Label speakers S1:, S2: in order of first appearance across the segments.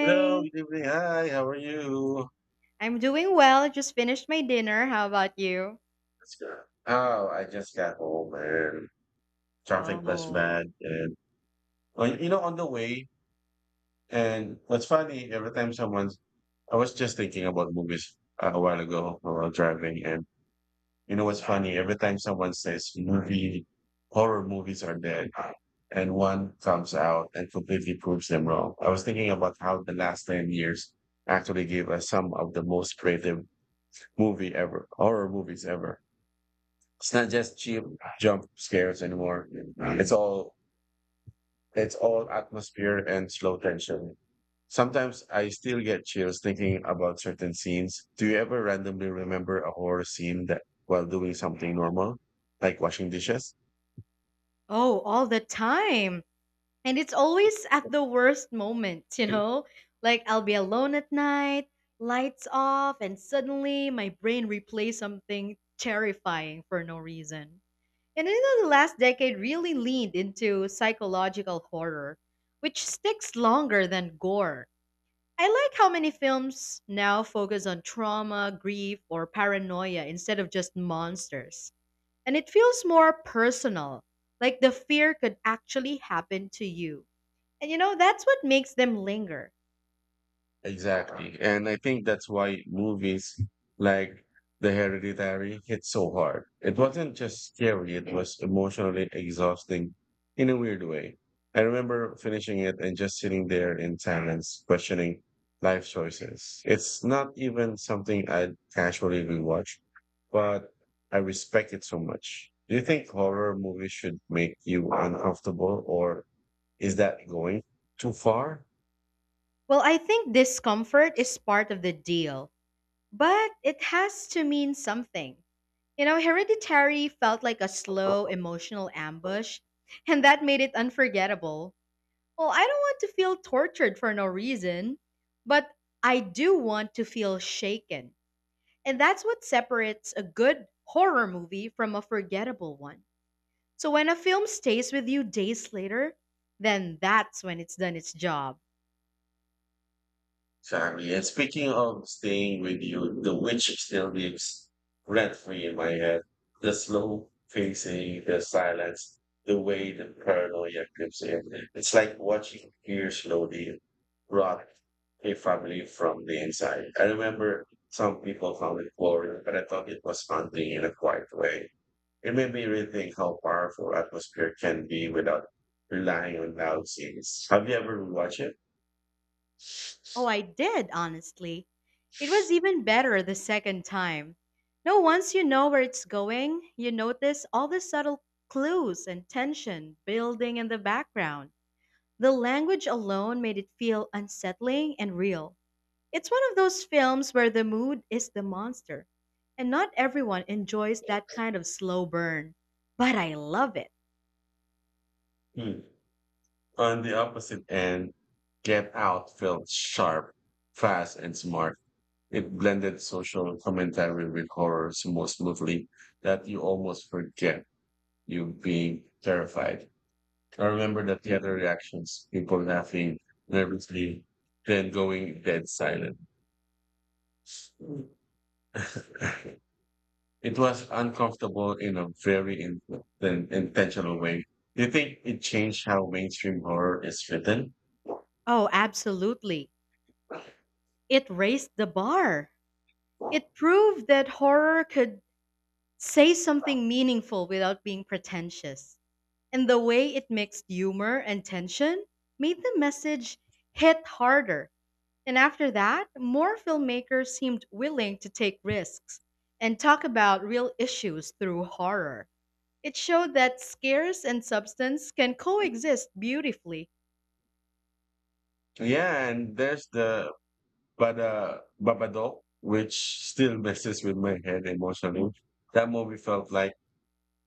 S1: Hello, good evening. Hi, how are you?
S2: I'm doing well. Just finished my dinner. How about you?
S1: That's good. Oh, I just got home and traffic was
S2: Oh,
S1: bad. And, well, on the way, and what's funny, every time someone's, I was just thinking about movies a while ago while driving. And, what's funny, every time someone says movie, horror movies are dead, and one comes out and completely proves them wrong. I was thinking about how the last 10 years actually gave us some of the most creative horror movies ever. It's not just cheap jump scares anymore. It's all it's all atmosphere and slow tension. Sometimes I still get chills thinking about certain scenes. Do you ever randomly remember a horror scene that while doing something normal, like washing dishes?
S2: oh, all the time. And it's always at the worst moment, you know? Like I'll be alone at night, lights off, and suddenly my brain replays something terrifying for no reason. And you know the last decade really leaned into psychological horror, which sticks longer than gore. I like how many films now focus on trauma, grief, or paranoia instead of just monsters. And it feels more personal, like the fear could actually happen to you. And you know, that's what makes them linger.
S1: Exactly. And I think that's why movies like The Hereditary hit so hard. It wasn't just scary, it was emotionally exhausting in a weird way. I remember finishing it and just sitting there in silence, questioning life choices. It's not even something I'd casually rewatch, but I respect it so much. Do you think horror movies should make you uncomfortable, or is that going too far?
S2: Well, I think discomfort is part of the deal, but it has to mean something. You know, Hereditary felt like a slow emotional ambush, and that made it unforgettable. Well, I don't want to feel tortured for no reason, but I do want to feel shaken. And that's what separates a good horror movie from a forgettable one. So when a film stays with you days later, then that's when it's done its job.
S1: Exactly. And speaking of staying with you, The Witch still lives rent free in my head. The slow pacing, the silence, the way the paranoia creeps in. It's like watching fear slowly rot a family from the inside. I remember some people found it boring, but I thought it was haunting in a quiet way. It made me rethink how powerful atmosphere can be without relying on loud scenes. Have you ever watched it?
S2: Oh, I did, honestly. It was even better the second time. No, once you know where it's going, you notice all the subtle clues and tension building in the background. The language alone made it feel unsettling and real. It's one of those films where the mood is the monster, and not everyone enjoys that kind of slow burn. But I love it.
S1: Hmm. On the opposite end, Get Out felt sharp, fast, and smart. It blended social commentary with horror so smoothly that you almost forget you being terrified. I remember the theater reactions, people laughing nervously, then going dead silent. It was uncomfortable in a very intentional way. Do you think it changed how mainstream horror is written?
S2: Oh, absolutely. It raised the bar. It proved that horror could say something meaningful without being pretentious. And the way it mixed humor and tension made the message hit harder. And after that, more filmmakers seemed willing to take risks and talk about real issues through horror. It showed that scares and substance can coexist beautifully.
S1: Yeah, and there's the Bada Babadook, which still messes with my head emotionally. That movie felt like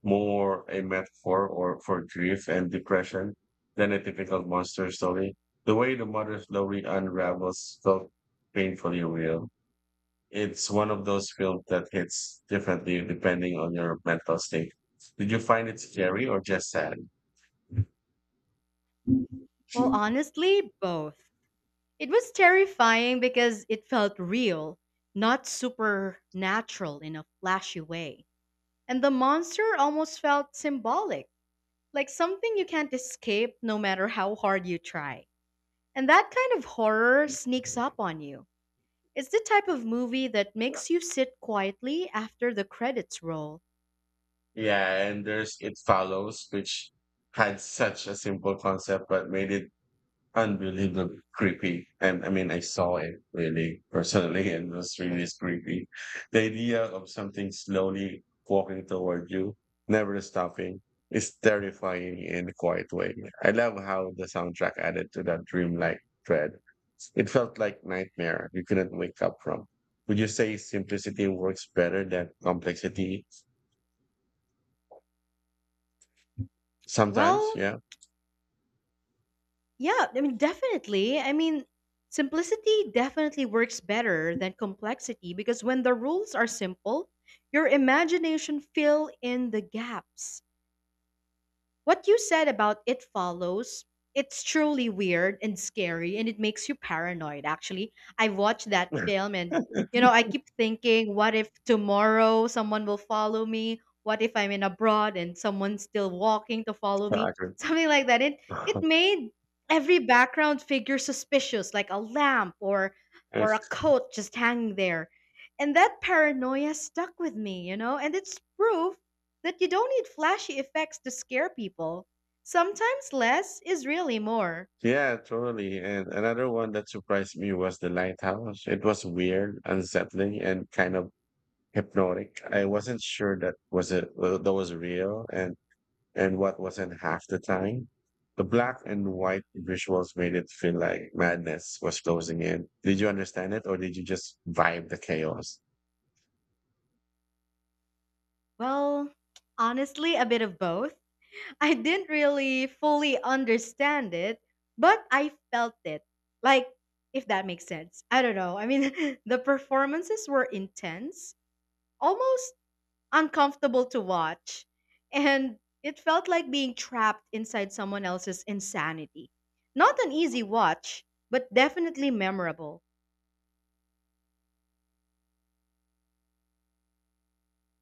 S1: more a metaphor or for grief and depression than a typical monster story. The way the mother slowly unravels felt painfully real. It's one of those films that hits differently depending on your mental state. Did you find it scary or just sad?
S2: Well, honestly, both. It was terrifying because it felt real, not supernatural in a flashy way. And the monster almost felt symbolic, like something you can't escape no matter how hard you try. And that kind of horror sneaks up on you. It's the type of movie that makes you sit quietly after the credits roll.
S1: Yeah, and there's It Follows, which had such a simple concept but made it unbelievably creepy. And I mean, I saw it really personally, and it was really creepy. The idea of something slowly walking toward you, never stopping, is terrifying in a quiet way. I love how the soundtrack added to that dreamlike dread. It felt like nightmare you couldn't wake up from. Would you say simplicity works better than complexity? Sometimes,
S2: Well,
S1: yeah.
S2: yeah, definitely. Simplicity definitely works better than complexity because when the rules are simple, your imagination fill in the gaps. What you said about It Follows, it's truly weird and scary and it makes you paranoid actually. I watched that film and you know, I keep thinking what if tomorrow someone will follow me? What if I'm in abroad and someone's still walking to follow me?
S1: Accurate.
S2: Something like that. It made every background figure suspicious like a lamp or a coat just hanging there. And that paranoia stuck with me, you know? And it's proof that you don't need flashy effects to scare people. Sometimes less is really more.
S1: Yeah, totally. And another one that surprised me was The Lighthouse. It was weird, unsettling, and kind of hypnotic. I wasn't sure that was real and what wasn't half the time. The black and white visuals made it feel like madness was closing in. Did you understand it or did you just vibe the chaos?
S2: Well, honestly, a bit of both. I didn't really fully understand it, but I felt it. Like, if that makes sense. I don't know. I mean, the performances were intense, almost uncomfortable to watch, and it felt like being trapped inside someone else's insanity. Not an easy watch, but definitely memorable.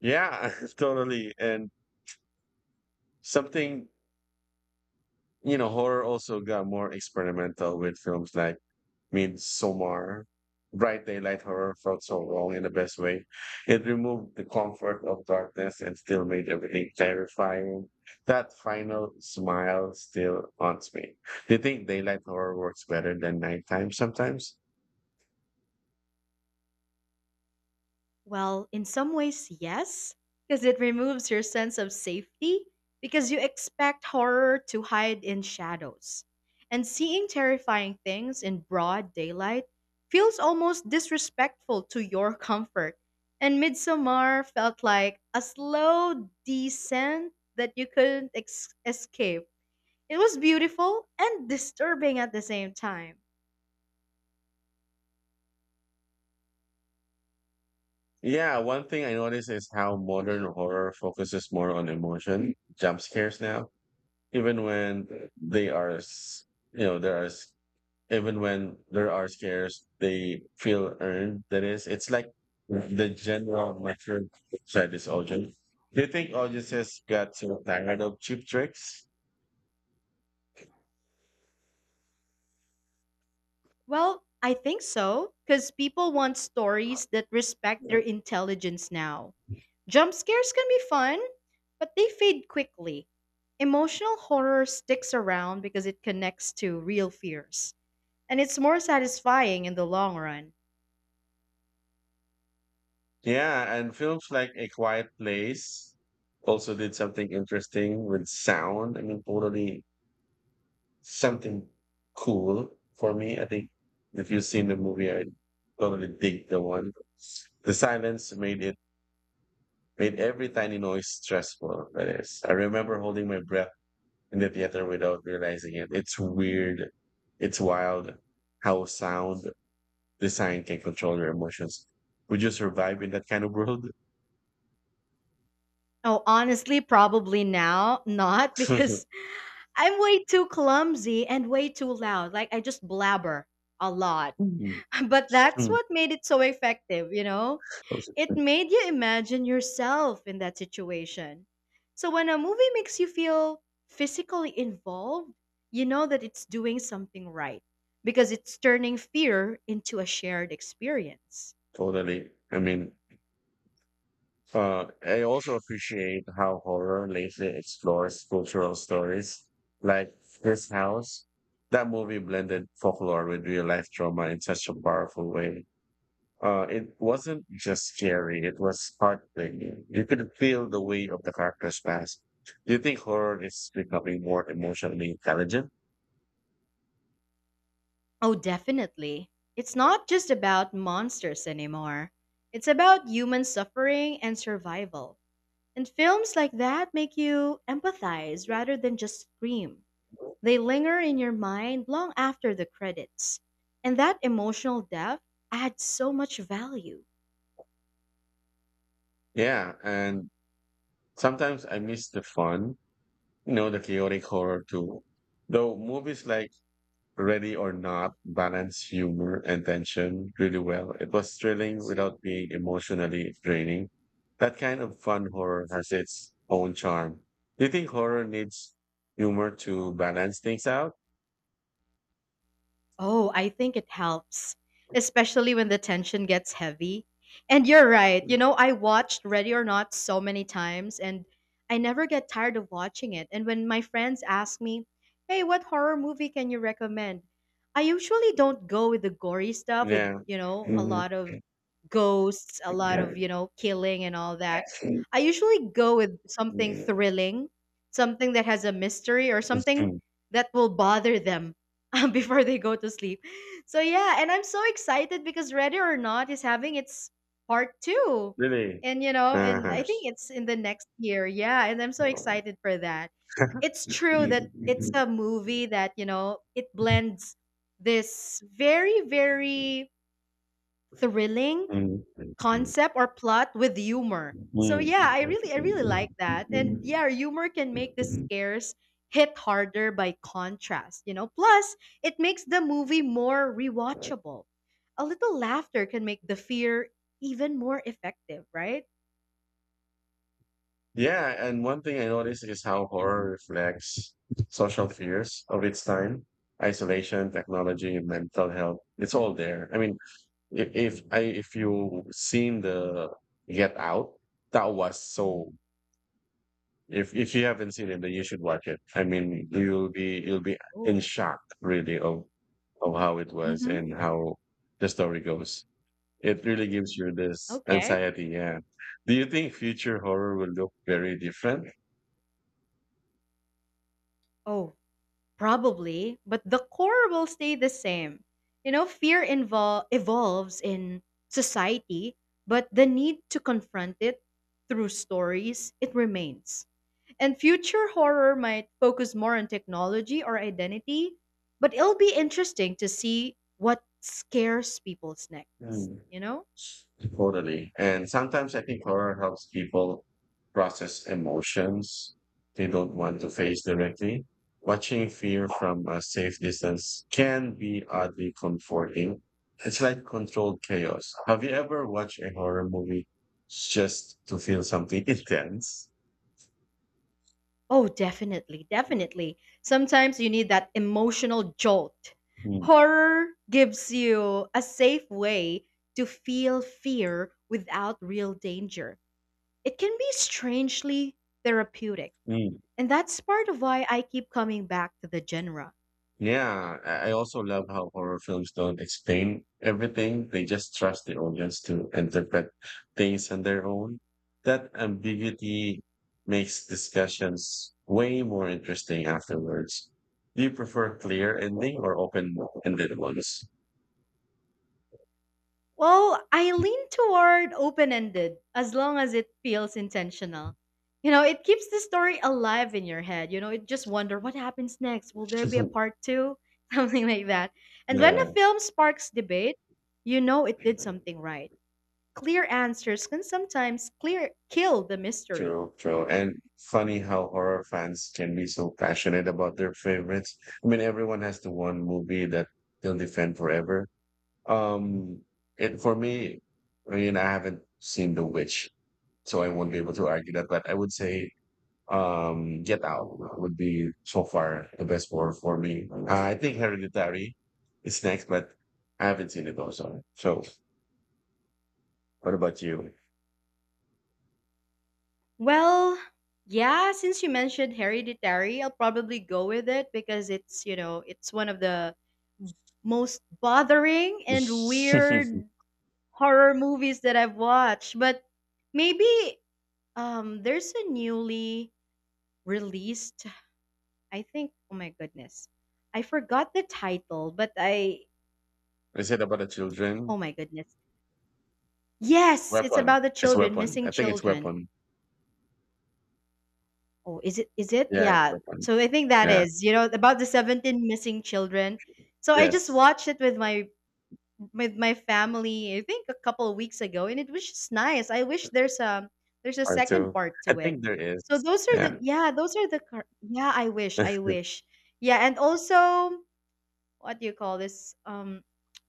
S1: Yeah, totally. And something, horror also got more experimental with films like made Somar bright daylight horror felt so wrong in the best way. It removed the comfort of darkness and still made everything terrifying. That final smile still haunts me. Do you think daylight horror works better than nighttime sometimes?
S2: Well, in some ways, yes, because it removes your sense of safety because you expect horror to hide in shadows. And seeing terrifying things in broad daylight feels almost disrespectful to your comfort. And Midsommar felt like a slow descent that you couldn't escape. It was beautiful and disturbing at the same time.
S1: Yeah, one thing I notice is how modern horror focuses more on emotion, jump scares now, even when they are, s- there are even when there are scares, they feel earned. That is, it's like the general mature side is audience. Do you think audiences got so tired of cheap tricks?
S2: Well, I think so, because people want stories that respect their intelligence now. Jump scares can be fun, but they fade quickly. Emotional horror sticks around because it connects to real fears, and it's more satisfying in the long run.
S1: Yeah, and films like A Quiet Place also did something interesting with sound. I mean, totally something cool for me. I think if you've seen the movie, I totally dig the one. The silence made every tiny noise stressful. That is, I remember holding my breath in the theater without realizing it. It's weird. It's wild how sound design can control your emotions. Would you survive in that kind of world?
S2: Oh, honestly, probably now not because I'm way too clumsy and way too loud. Like, I just blabber a lot. But that's what made it so effective, you know? It made you imagine yourself in that situation. So when a movie makes you feel physically involved, you know that it's doing something right because it's turning fear into a shared experience.
S1: Totally. I mean, I also appreciate how horror lately explores cultural stories like this house. That movie blended folklore with real life trauma in such a powerful way. It wasn't just scary, it was heartbreaking. You could feel the weight of the character's past. Do you think horror is becoming more emotionally intelligent?
S2: Oh, definitely. It's not just about monsters anymore. It's about human suffering and survival. And films like that make you empathize rather than just scream. They linger in your mind long after the credits. And that emotional depth adds so much value.
S1: Yeah, and sometimes I miss the fun, you know, the chaotic horror too. Though movies like Ready or Not, balanced humor and tension really well. It was thrilling without being emotionally draining. That kind of fun horror has its own charm. Do you think horror needs humor to balance things out?
S2: Oh, I think it helps, especially when the tension gets heavy. And you're right. You know, I watched Ready or Not so many times and I never get tired of watching it. And when my friends ask me, "Hey, what horror movie can you recommend?" I usually don't go with the gory stuff with,
S1: Yeah.
S2: you know, a lot of ghosts, a lot of,
S1: Mhm.
S2: you know, killing and all that. I usually go with something thrilling, something that has a mystery or something
S1: Mm.
S2: that will bother them before they go to sleep. So yeah, and I'm so excited because Ready or Not is having its part 2.
S1: Really?
S2: And you know, and I
S1: Uh-huh.
S2: think it's in the next year. Yeah, and I'm so excited for that. It's true that it's
S1: Mm.
S2: a movie that, you know, it blends this very thrilling concept or plot with humor. So
S1: Mm.
S2: yeah, I really like that. And yeah, humor can make the scares hit harder by contrast, you know. Plus, it makes the movie more rewatchable. A little laughter can make the fear even more effective, right?
S1: Yeah, and one thing I noticed is how horror reflects social fears of its time, isolation, technology, and mental health. It's all there. I mean, if you seen the Get Out, that was so. If you haven't seen it, then you should watch it. I mean, you'll be in
S2: Oh.
S1: shock really of how it was
S2: Mhm.
S1: and how the story goes. It really gives you this
S2: Okay.
S1: anxiety. Yeah. Do you think future horror will look very different?
S2: Oh, probably, but the core will stay the same. You know, fear evolves in society, but the need to confront it through stories, it remains. And future horror might focus more on technology or identity, but it'll be interesting to see what scares people's next,
S1: Hmm.
S2: you know?
S1: Totally. And sometimes I think horror helps people process emotions they don't want to face directly. Watching fear from a safe distance can be oddly comforting. It's like controlled chaos. Have you ever watched a horror movie just to feel something intense?
S2: Oh, definitely, definitely. Sometimes you need that emotional jolt.
S1: Mm,
S2: Horror gives you a safe way to feel fear without real danger. It can be strangely therapeutic,
S1: mm.
S2: and that's part of why I keep coming back to the genre.
S1: Yeah, I also love how horror films don't explain everything. They just trust the audience to interpret things on their own. That ambiguity makes discussions way more interesting afterwards. Do you prefer clear ending or open-ended ones?
S2: Well, I lean toward open ended as long as it feels intentional. You know, it keeps the story alive in your head. You know, it just wonder what happens next. Will there be a part two? Something like that. And when a
S1: Yeah,
S2: film sparks debate, you know it did something right. Clear answers can sometimes clear kill the mystery.
S1: true, true. And funny how horror fans can be so passionate about their favorites. I mean, everyone has the one movie that they'll defend forever. Um, and for me, I mean, I haven't seen The Witch, so I won't be able to argue that. But I would say, Get Out would be so far the best horror for me. I think Hereditary is next, but I haven't seen it also. So, what about you?
S2: Well, yeah, since you mentioned Hereditary, I'll probably go with it because it's, you know, it's one of the most bothering and weird horror movies that I've watched, but maybe there's a newly released I think oh my goodness. I forgot the title, but I
S1: Is it about the children?
S2: oh my goodness. Yes, it's
S1: Weapon.
S2: about the
S1: It's
S2: children,
S1: Weapon.
S2: missing
S1: I think it's
S2: children.
S1: Weapon.
S2: Oh, is it is it?
S1: Yeah, it's
S2: Yeah.
S1: Weapon.
S2: So I think that
S1: Yeah.
S2: is, you know, about the 17 missing children. So I just
S1: Yes.
S2: watched it with my family I think a couple of weeks ago and it was just nice. I wish there's a
S1: Part
S2: second
S1: two.
S2: part
S1: I
S2: to it.
S1: think there is.
S2: So those are
S1: Yeah.
S2: the yeah, those are the yeah, I wish, I wish. Yeah, and also what do you call this? Um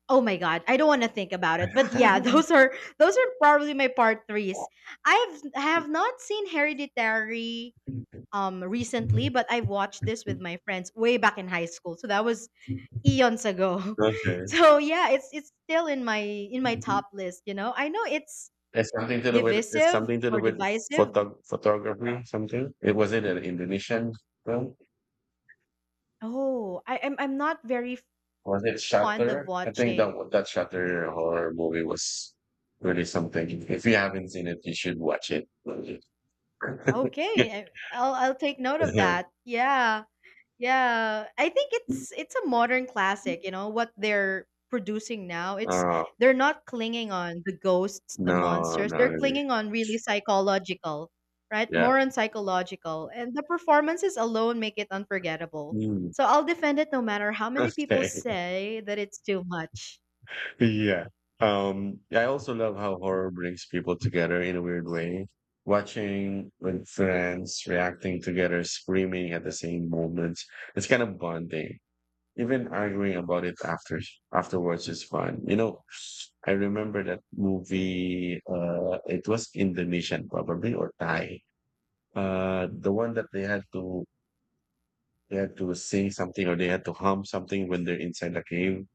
S2: oh my god, I don't want to think about it. But yeah, those are probably my part 3s. I've have not seen Hereditary recently, but I've watched this with my friends way back in high school. So that was
S1: Okay.
S2: eons ago. So yeah, it's still in my top list, you know. I know it's
S1: It's
S2: divisive
S1: something to do
S2: or
S1: with
S2: divisive.
S1: photography, something. It was it an Indonesian film?
S2: Oh, I'm not very
S1: Was it
S2: fond of
S1: Shutter? I think
S2: watching.
S1: that Shutter horror movie was really something. If you haven't seen it, you should watch it.
S2: Okay, I, I'll I'll take note of that. Yeah. Yeah, I think it's a modern classic, you know, what they're producing now. It's
S1: Oh,
S2: they're not clinging on the ghosts, the
S1: no,
S2: monsters.
S1: no,
S2: They're
S1: really.
S2: clinging on really psychological, right?
S1: Yeah.
S2: More on psychological. And the performances alone make it unforgettable.
S1: Mm.
S2: So I'll defend it no matter how many people
S1: Okay.
S2: say that it's too much.
S1: Yeah. I also love how horror brings people together in a weird way. Watching with friends reacting together, screaming at the same moment. It's kind of bonding. Even arguing about it afterwards is fun. You know, I remember that movie it was Indonesian probably or Thai. The one that they had to sing something or they had to hum something when they're inside the cave.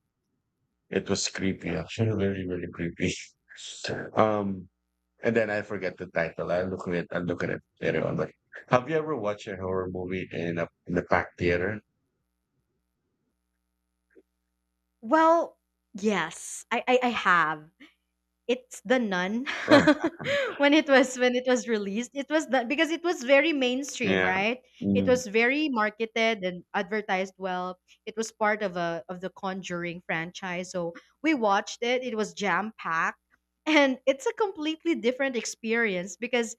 S1: It was creepy, actually, really, really creepy. Um, and then I forget the title. I look at it. I look at it later on. Like, have you ever watched a horror movie in a packed theater?
S2: Well, yes, I have. It's The Nun
S1: Ah,
S2: when it was released it was that because it was very mainstream
S1: yeah.
S2: right it was
S1: Mm.
S2: very marketed and advertised well it was part of a of the Conjuring franchise so we watched it it was jam packed and it's a completely different experience because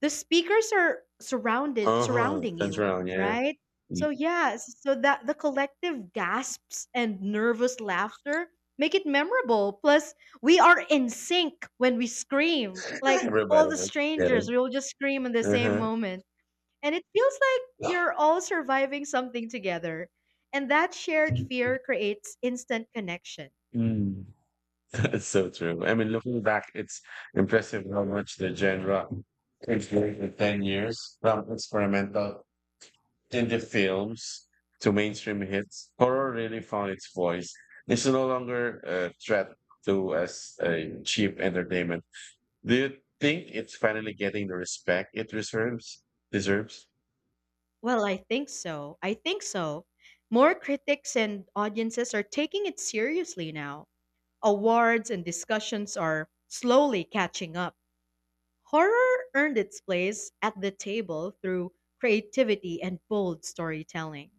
S2: the speakers are surrounded
S1: Uh huh.
S2: surrounding
S1: That's
S2: you,
S1: wrong. Yeah.
S2: right? So
S1: Mm.
S2: yeah, so that the collective gasps and nervous laughter make it memorable. Plus, we are in sync when we scream. Like all
S1: Everybody
S2: the
S1: like, get it.
S2: strangers, we will just scream in the
S1: Uh
S2: same
S1: huh.
S2: moment. And it feels like you're all surviving something together. And that shared fear creates instant connection.
S1: Mm. That's so true. I mean, looking back, it's impressive how much the genre changed in 10 years, from experimental indie films to mainstream hits. Horror really found its voice. It's no longer a threat to as a cheap entertainment. Do you think it's finally getting the respect it deserves? Deserves.
S2: Well, I think so. More critics and audiences are taking it seriously now. Awards and discussions are slowly catching up. Horror earned its place at the table through creativity and bold storytelling.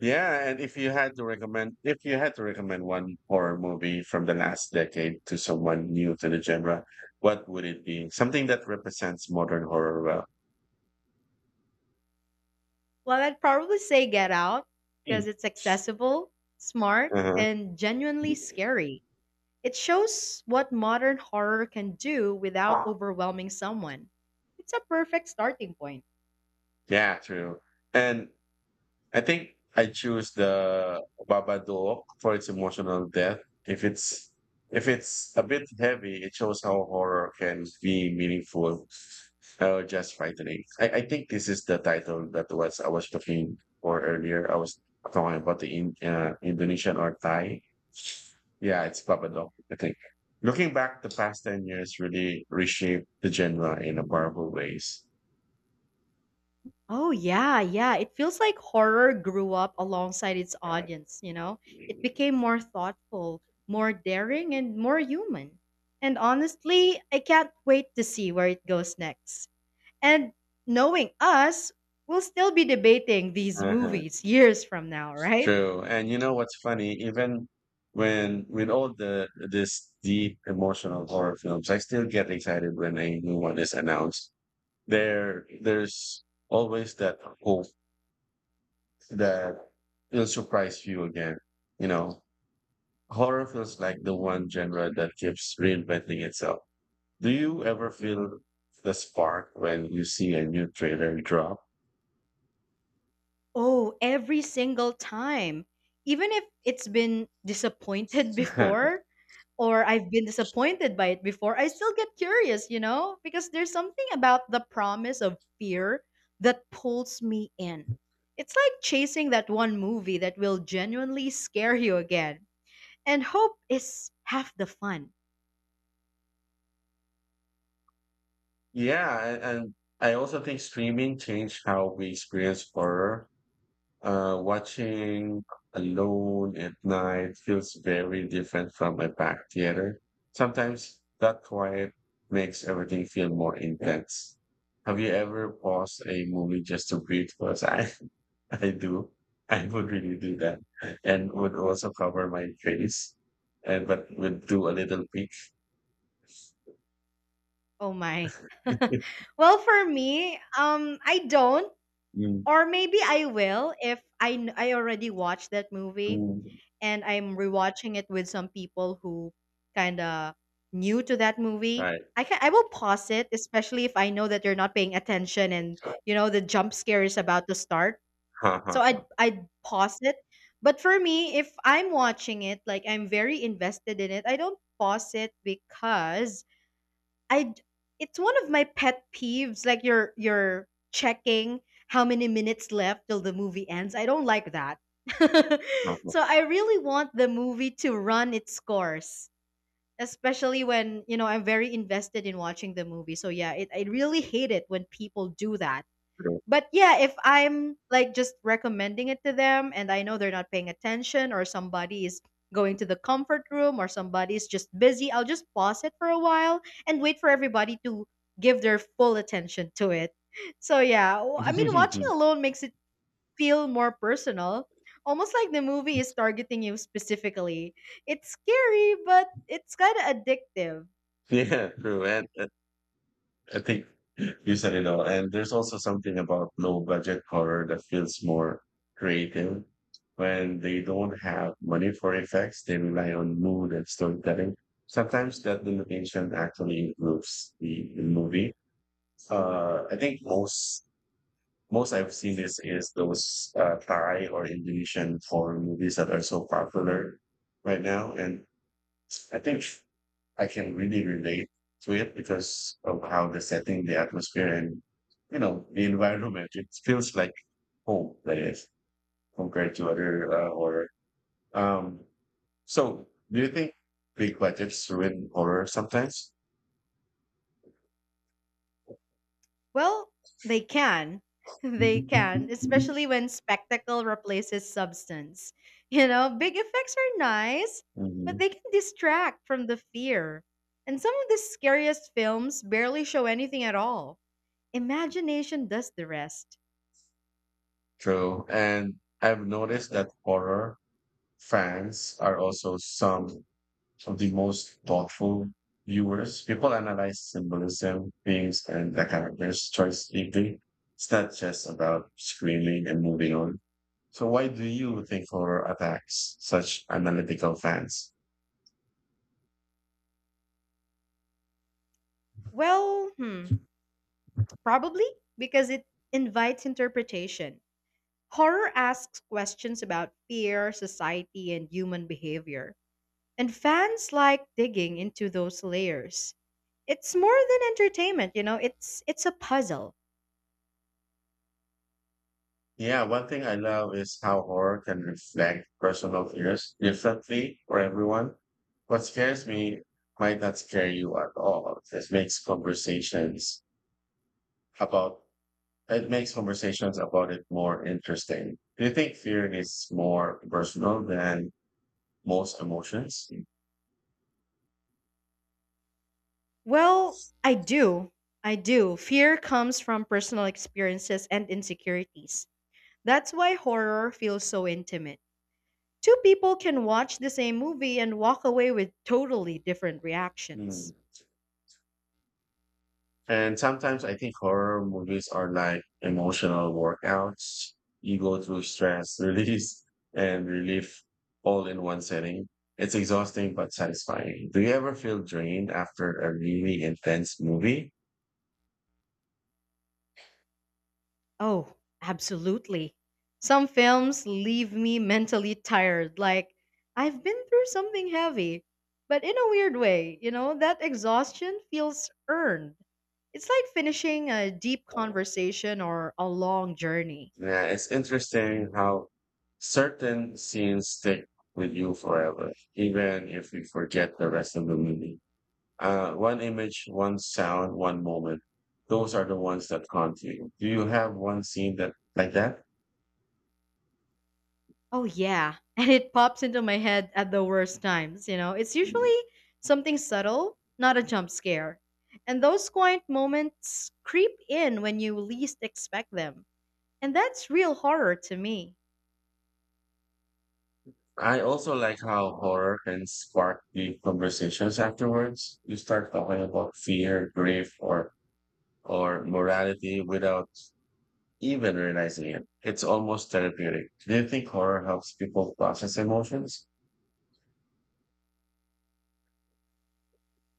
S1: Yeah, and if you had to recommend, if you had to recommend one horror movie from the last decade to someone new to the genre, what would it be? Something that represents modern horror well.
S2: Well, I'd probably say Get Out because
S1: Mm.
S2: it's accessible, smart,
S1: Uh-huh.
S2: and genuinely scary. It shows what modern horror can do without overwhelming someone. It's a perfect starting point.
S1: Yeah, true. And I think I choose the Babadook for its emotional depth. If it's a bit heavy, it shows how horror can be meaningful or just frightening. I think this is the title that was I was looking for earlier. I was talking about Indonesian or Thai. Yeah, it's Babadook. I think. Looking back, the past 10 years really reshaped the genre in a powerful ways.
S2: Oh yeah, yeah. It feels like horror grew up alongside its audience, you know? It became more thoughtful, more daring, and more human. And honestly, I can't wait to see where it goes next. And knowing us, we'll still be debating these movies years from now, right?
S1: True. And you know what's funny? Even when with all the this deep emotional horror films, I still get excited when a new one is announced. There's always that hope that it'll surprise you again. You know, horror feels like the one genre that keeps reinventing itself. Do you ever feel the spark when you see a new trailer drop?
S2: Oh, every single time. Even if it's been disappointed before or I've been disappointed by it before, I still get curious, you know? Because there's something about the promise of fear that pulls me in. It's like chasing that one movie that will genuinely scare you again. And hope is half the fun.
S1: Yeah, and I also think streaming changed how we experience horror. Watching alone at night feels very different from a packed theater. Sometimes that quiet makes everything feel more intense. Have you ever paused a movie just to breathe? I do. I would really do that and would also cover my face and but would do a little peek.
S2: Oh my. Well, for me, I don't,
S1: Mm,
S2: or maybe I will if I I already watched that movie
S1: mm.
S2: and I'm rewatching it with some people who kind of new to that movie,
S1: Right.
S2: I will pause it, especially if I know that you're not paying attention and you know the jump scare is about to start. So I'd pause it. But for me, if I'm watching it, like I'm very invested in it, I don't pause it because I d- it's one of my pet peeves, like you're checking how many minutes left till the movie ends. I don't like that. So I really want the movie to run its course, especially when, you know, I'm very invested in watching the movie. So yeah, I really hate it when people do that. But yeah, if I'm like just recommending it to them and I know they're not paying attention or somebody is going to the comfort room or somebody's just busy, I'll just pause it for a while and wait for everybody to give their full attention to it. So yeah, I mean watching alone makes it feel more personal. Almost like the movie is targeting you specifically. It's scary, but it's kind of addictive.
S1: Yeah, true. And I think you said it all. And there's also something about low budget horror that feels more creative. When they don't have money for effects, they rely on mood and storytelling. Sometimes that limitation actually improves the movie. I think most I've seen this is those Thai or Indonesian foreign movies that are so popular right now, and I think I can really relate to it because of how the setting, the atmosphere, and the environment. It feels like home, that is, compared to other horror. Um, so, do you think big budgets ruin horror sometimes?
S2: Well, they can. They can,
S1: Hmm.
S2: especially when spectacle replaces substance. You know, big effects are nice, but they can distract from the fear. And some of the scariest films barely show anything at all. Imagination does the rest.
S1: True, and I've noticed that horror fans are also some of the most thoughtful viewers. People analyze symbolism, themes, and the character's choice deeply. It's not just about screaming and moving on. So why do you think horror attacks such analytical fans?
S2: Well, hmm, probably because it invites interpretation. Horror asks questions about fear, society, and human behavior. And fans like digging into those layers. It's more than entertainment, you know. It's a puzzle.
S1: Yeah, one thing I love is how horror can reflect personal fears differently for everyone. What scares me might not scare you at all. This makes conversations about It makes conversations about it more interesting. Do you think fear is more personal than most emotions?
S2: Well, I do. I do. Fear comes from personal experiences and insecurities. That's why horror feels so intimate. Two people can watch the same movie and walk away with totally different reactions.
S1: Hmm. And sometimes I think horror movies are like emotional workouts. You go through stress, release, and relief all in one setting. It's exhausting but satisfying. Do you ever feel drained after a really intense movie?
S2: Oh, absolutely. Some films leave me mentally tired, like I've been through something heavy. But in a weird way, you know, that exhaustion feels earned. It's like finishing a deep conversation or a long journey.
S1: Yeah, it's interesting how certain scenes stick with you forever, even if you forget the rest of the movie. One image, one sound, one moment. Those are the ones that haunt you. Do you have one scene that like that?
S2: Oh, yeah. And it pops into my head at the worst times, you know. It's usually something subtle, not a jump scare. And those quiet moments creep in when you least expect them. And that's real horror to me.
S1: I also like how horror can spark deep conversations afterwards. You start talking about fear, grief, or morality without even realizing it. It's almost therapeutic. Do you think horror helps people process emotions?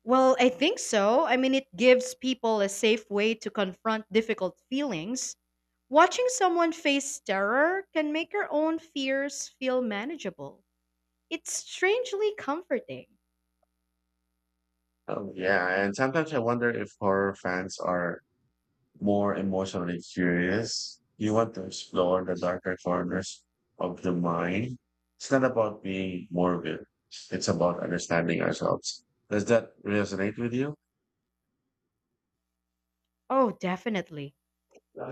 S2: Well, I think so. I mean, it gives people a safe way to confront difficult feelings. Watching someone face terror can make your own fears feel manageable. It's strangely comforting.
S1: Oh, yeah. And sometimes I wonder if horror fans are more emotionally curious. You want to explore the darker corners of the mind. It's not about being morbid. It's about understanding ourselves. Does that resonate with you?
S2: Oh, definitely.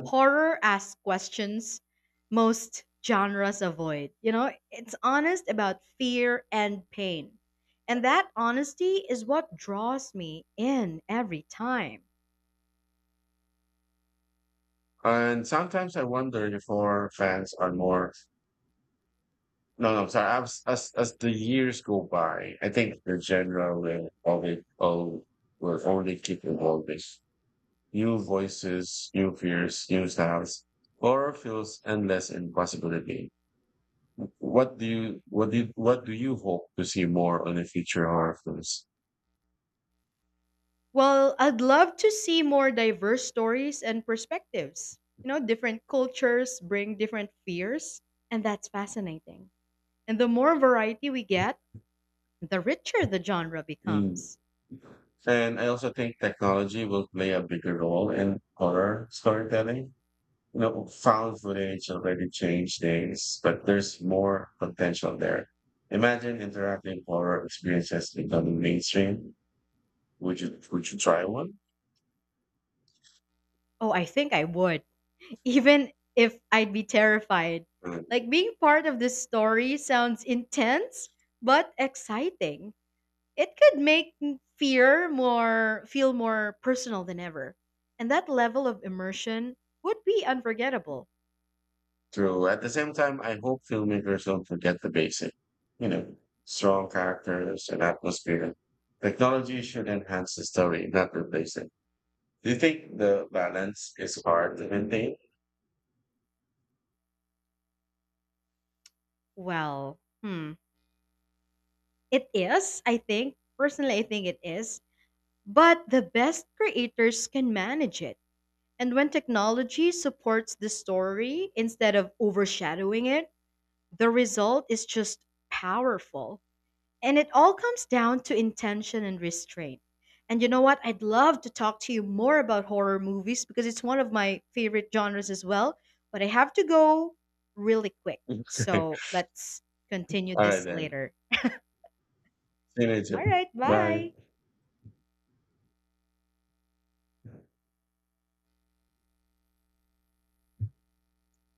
S2: Horror asks questions most genres avoid. You know, it's honest about fear and pain. And that honesty is what draws me in every time.
S1: And sometimes I wonder if horror fans are more No, no, sorry. As the years go by, I think the genre will always will only keep evolving. New voices, new fears, new styles. Horror feels endless in possibility. What do you what do you, what do you hope to see more on the future horror films?
S2: Well, I'd love to see more diverse stories and perspectives. You know, different cultures bring different fears, and that's fascinating. And the more variety we get, the richer the genre
S1: Mm.
S2: becomes.
S1: And I also think technology will play a bigger role in horror storytelling. You know, found footage already changed things, but there's more potential there. Imagine interactive horror experiences becoming mainstream. Would you try one?
S2: Oh, I think I would, even if I'd be terrified.
S1: Uh,
S2: Like being part of this story sounds intense but exciting. It could make fear more feel more personal than ever. And that level of immersion would be unforgettable.
S1: True. At the same time, I hope filmmakers don't forget the basic, you know, strong characters and atmosphere. Technology should enhance the story, not replace it. Do you think the balance is hard to maintain?
S2: Well, hmm, it is, I think. Personally, I think it is. But the best creators can manage it. And when technology supports the story instead of overshadowing it, the result is just powerful. And it all comes down to intention and restraint. And you know what? I'd love to talk to you more about horror movies because it's one of my favorite genres as well. But I have to go really quick. So let's continue
S1: All right
S2: this
S1: then.
S2: later.
S1: See you later.
S2: All right,
S1: Bye.
S2: bye.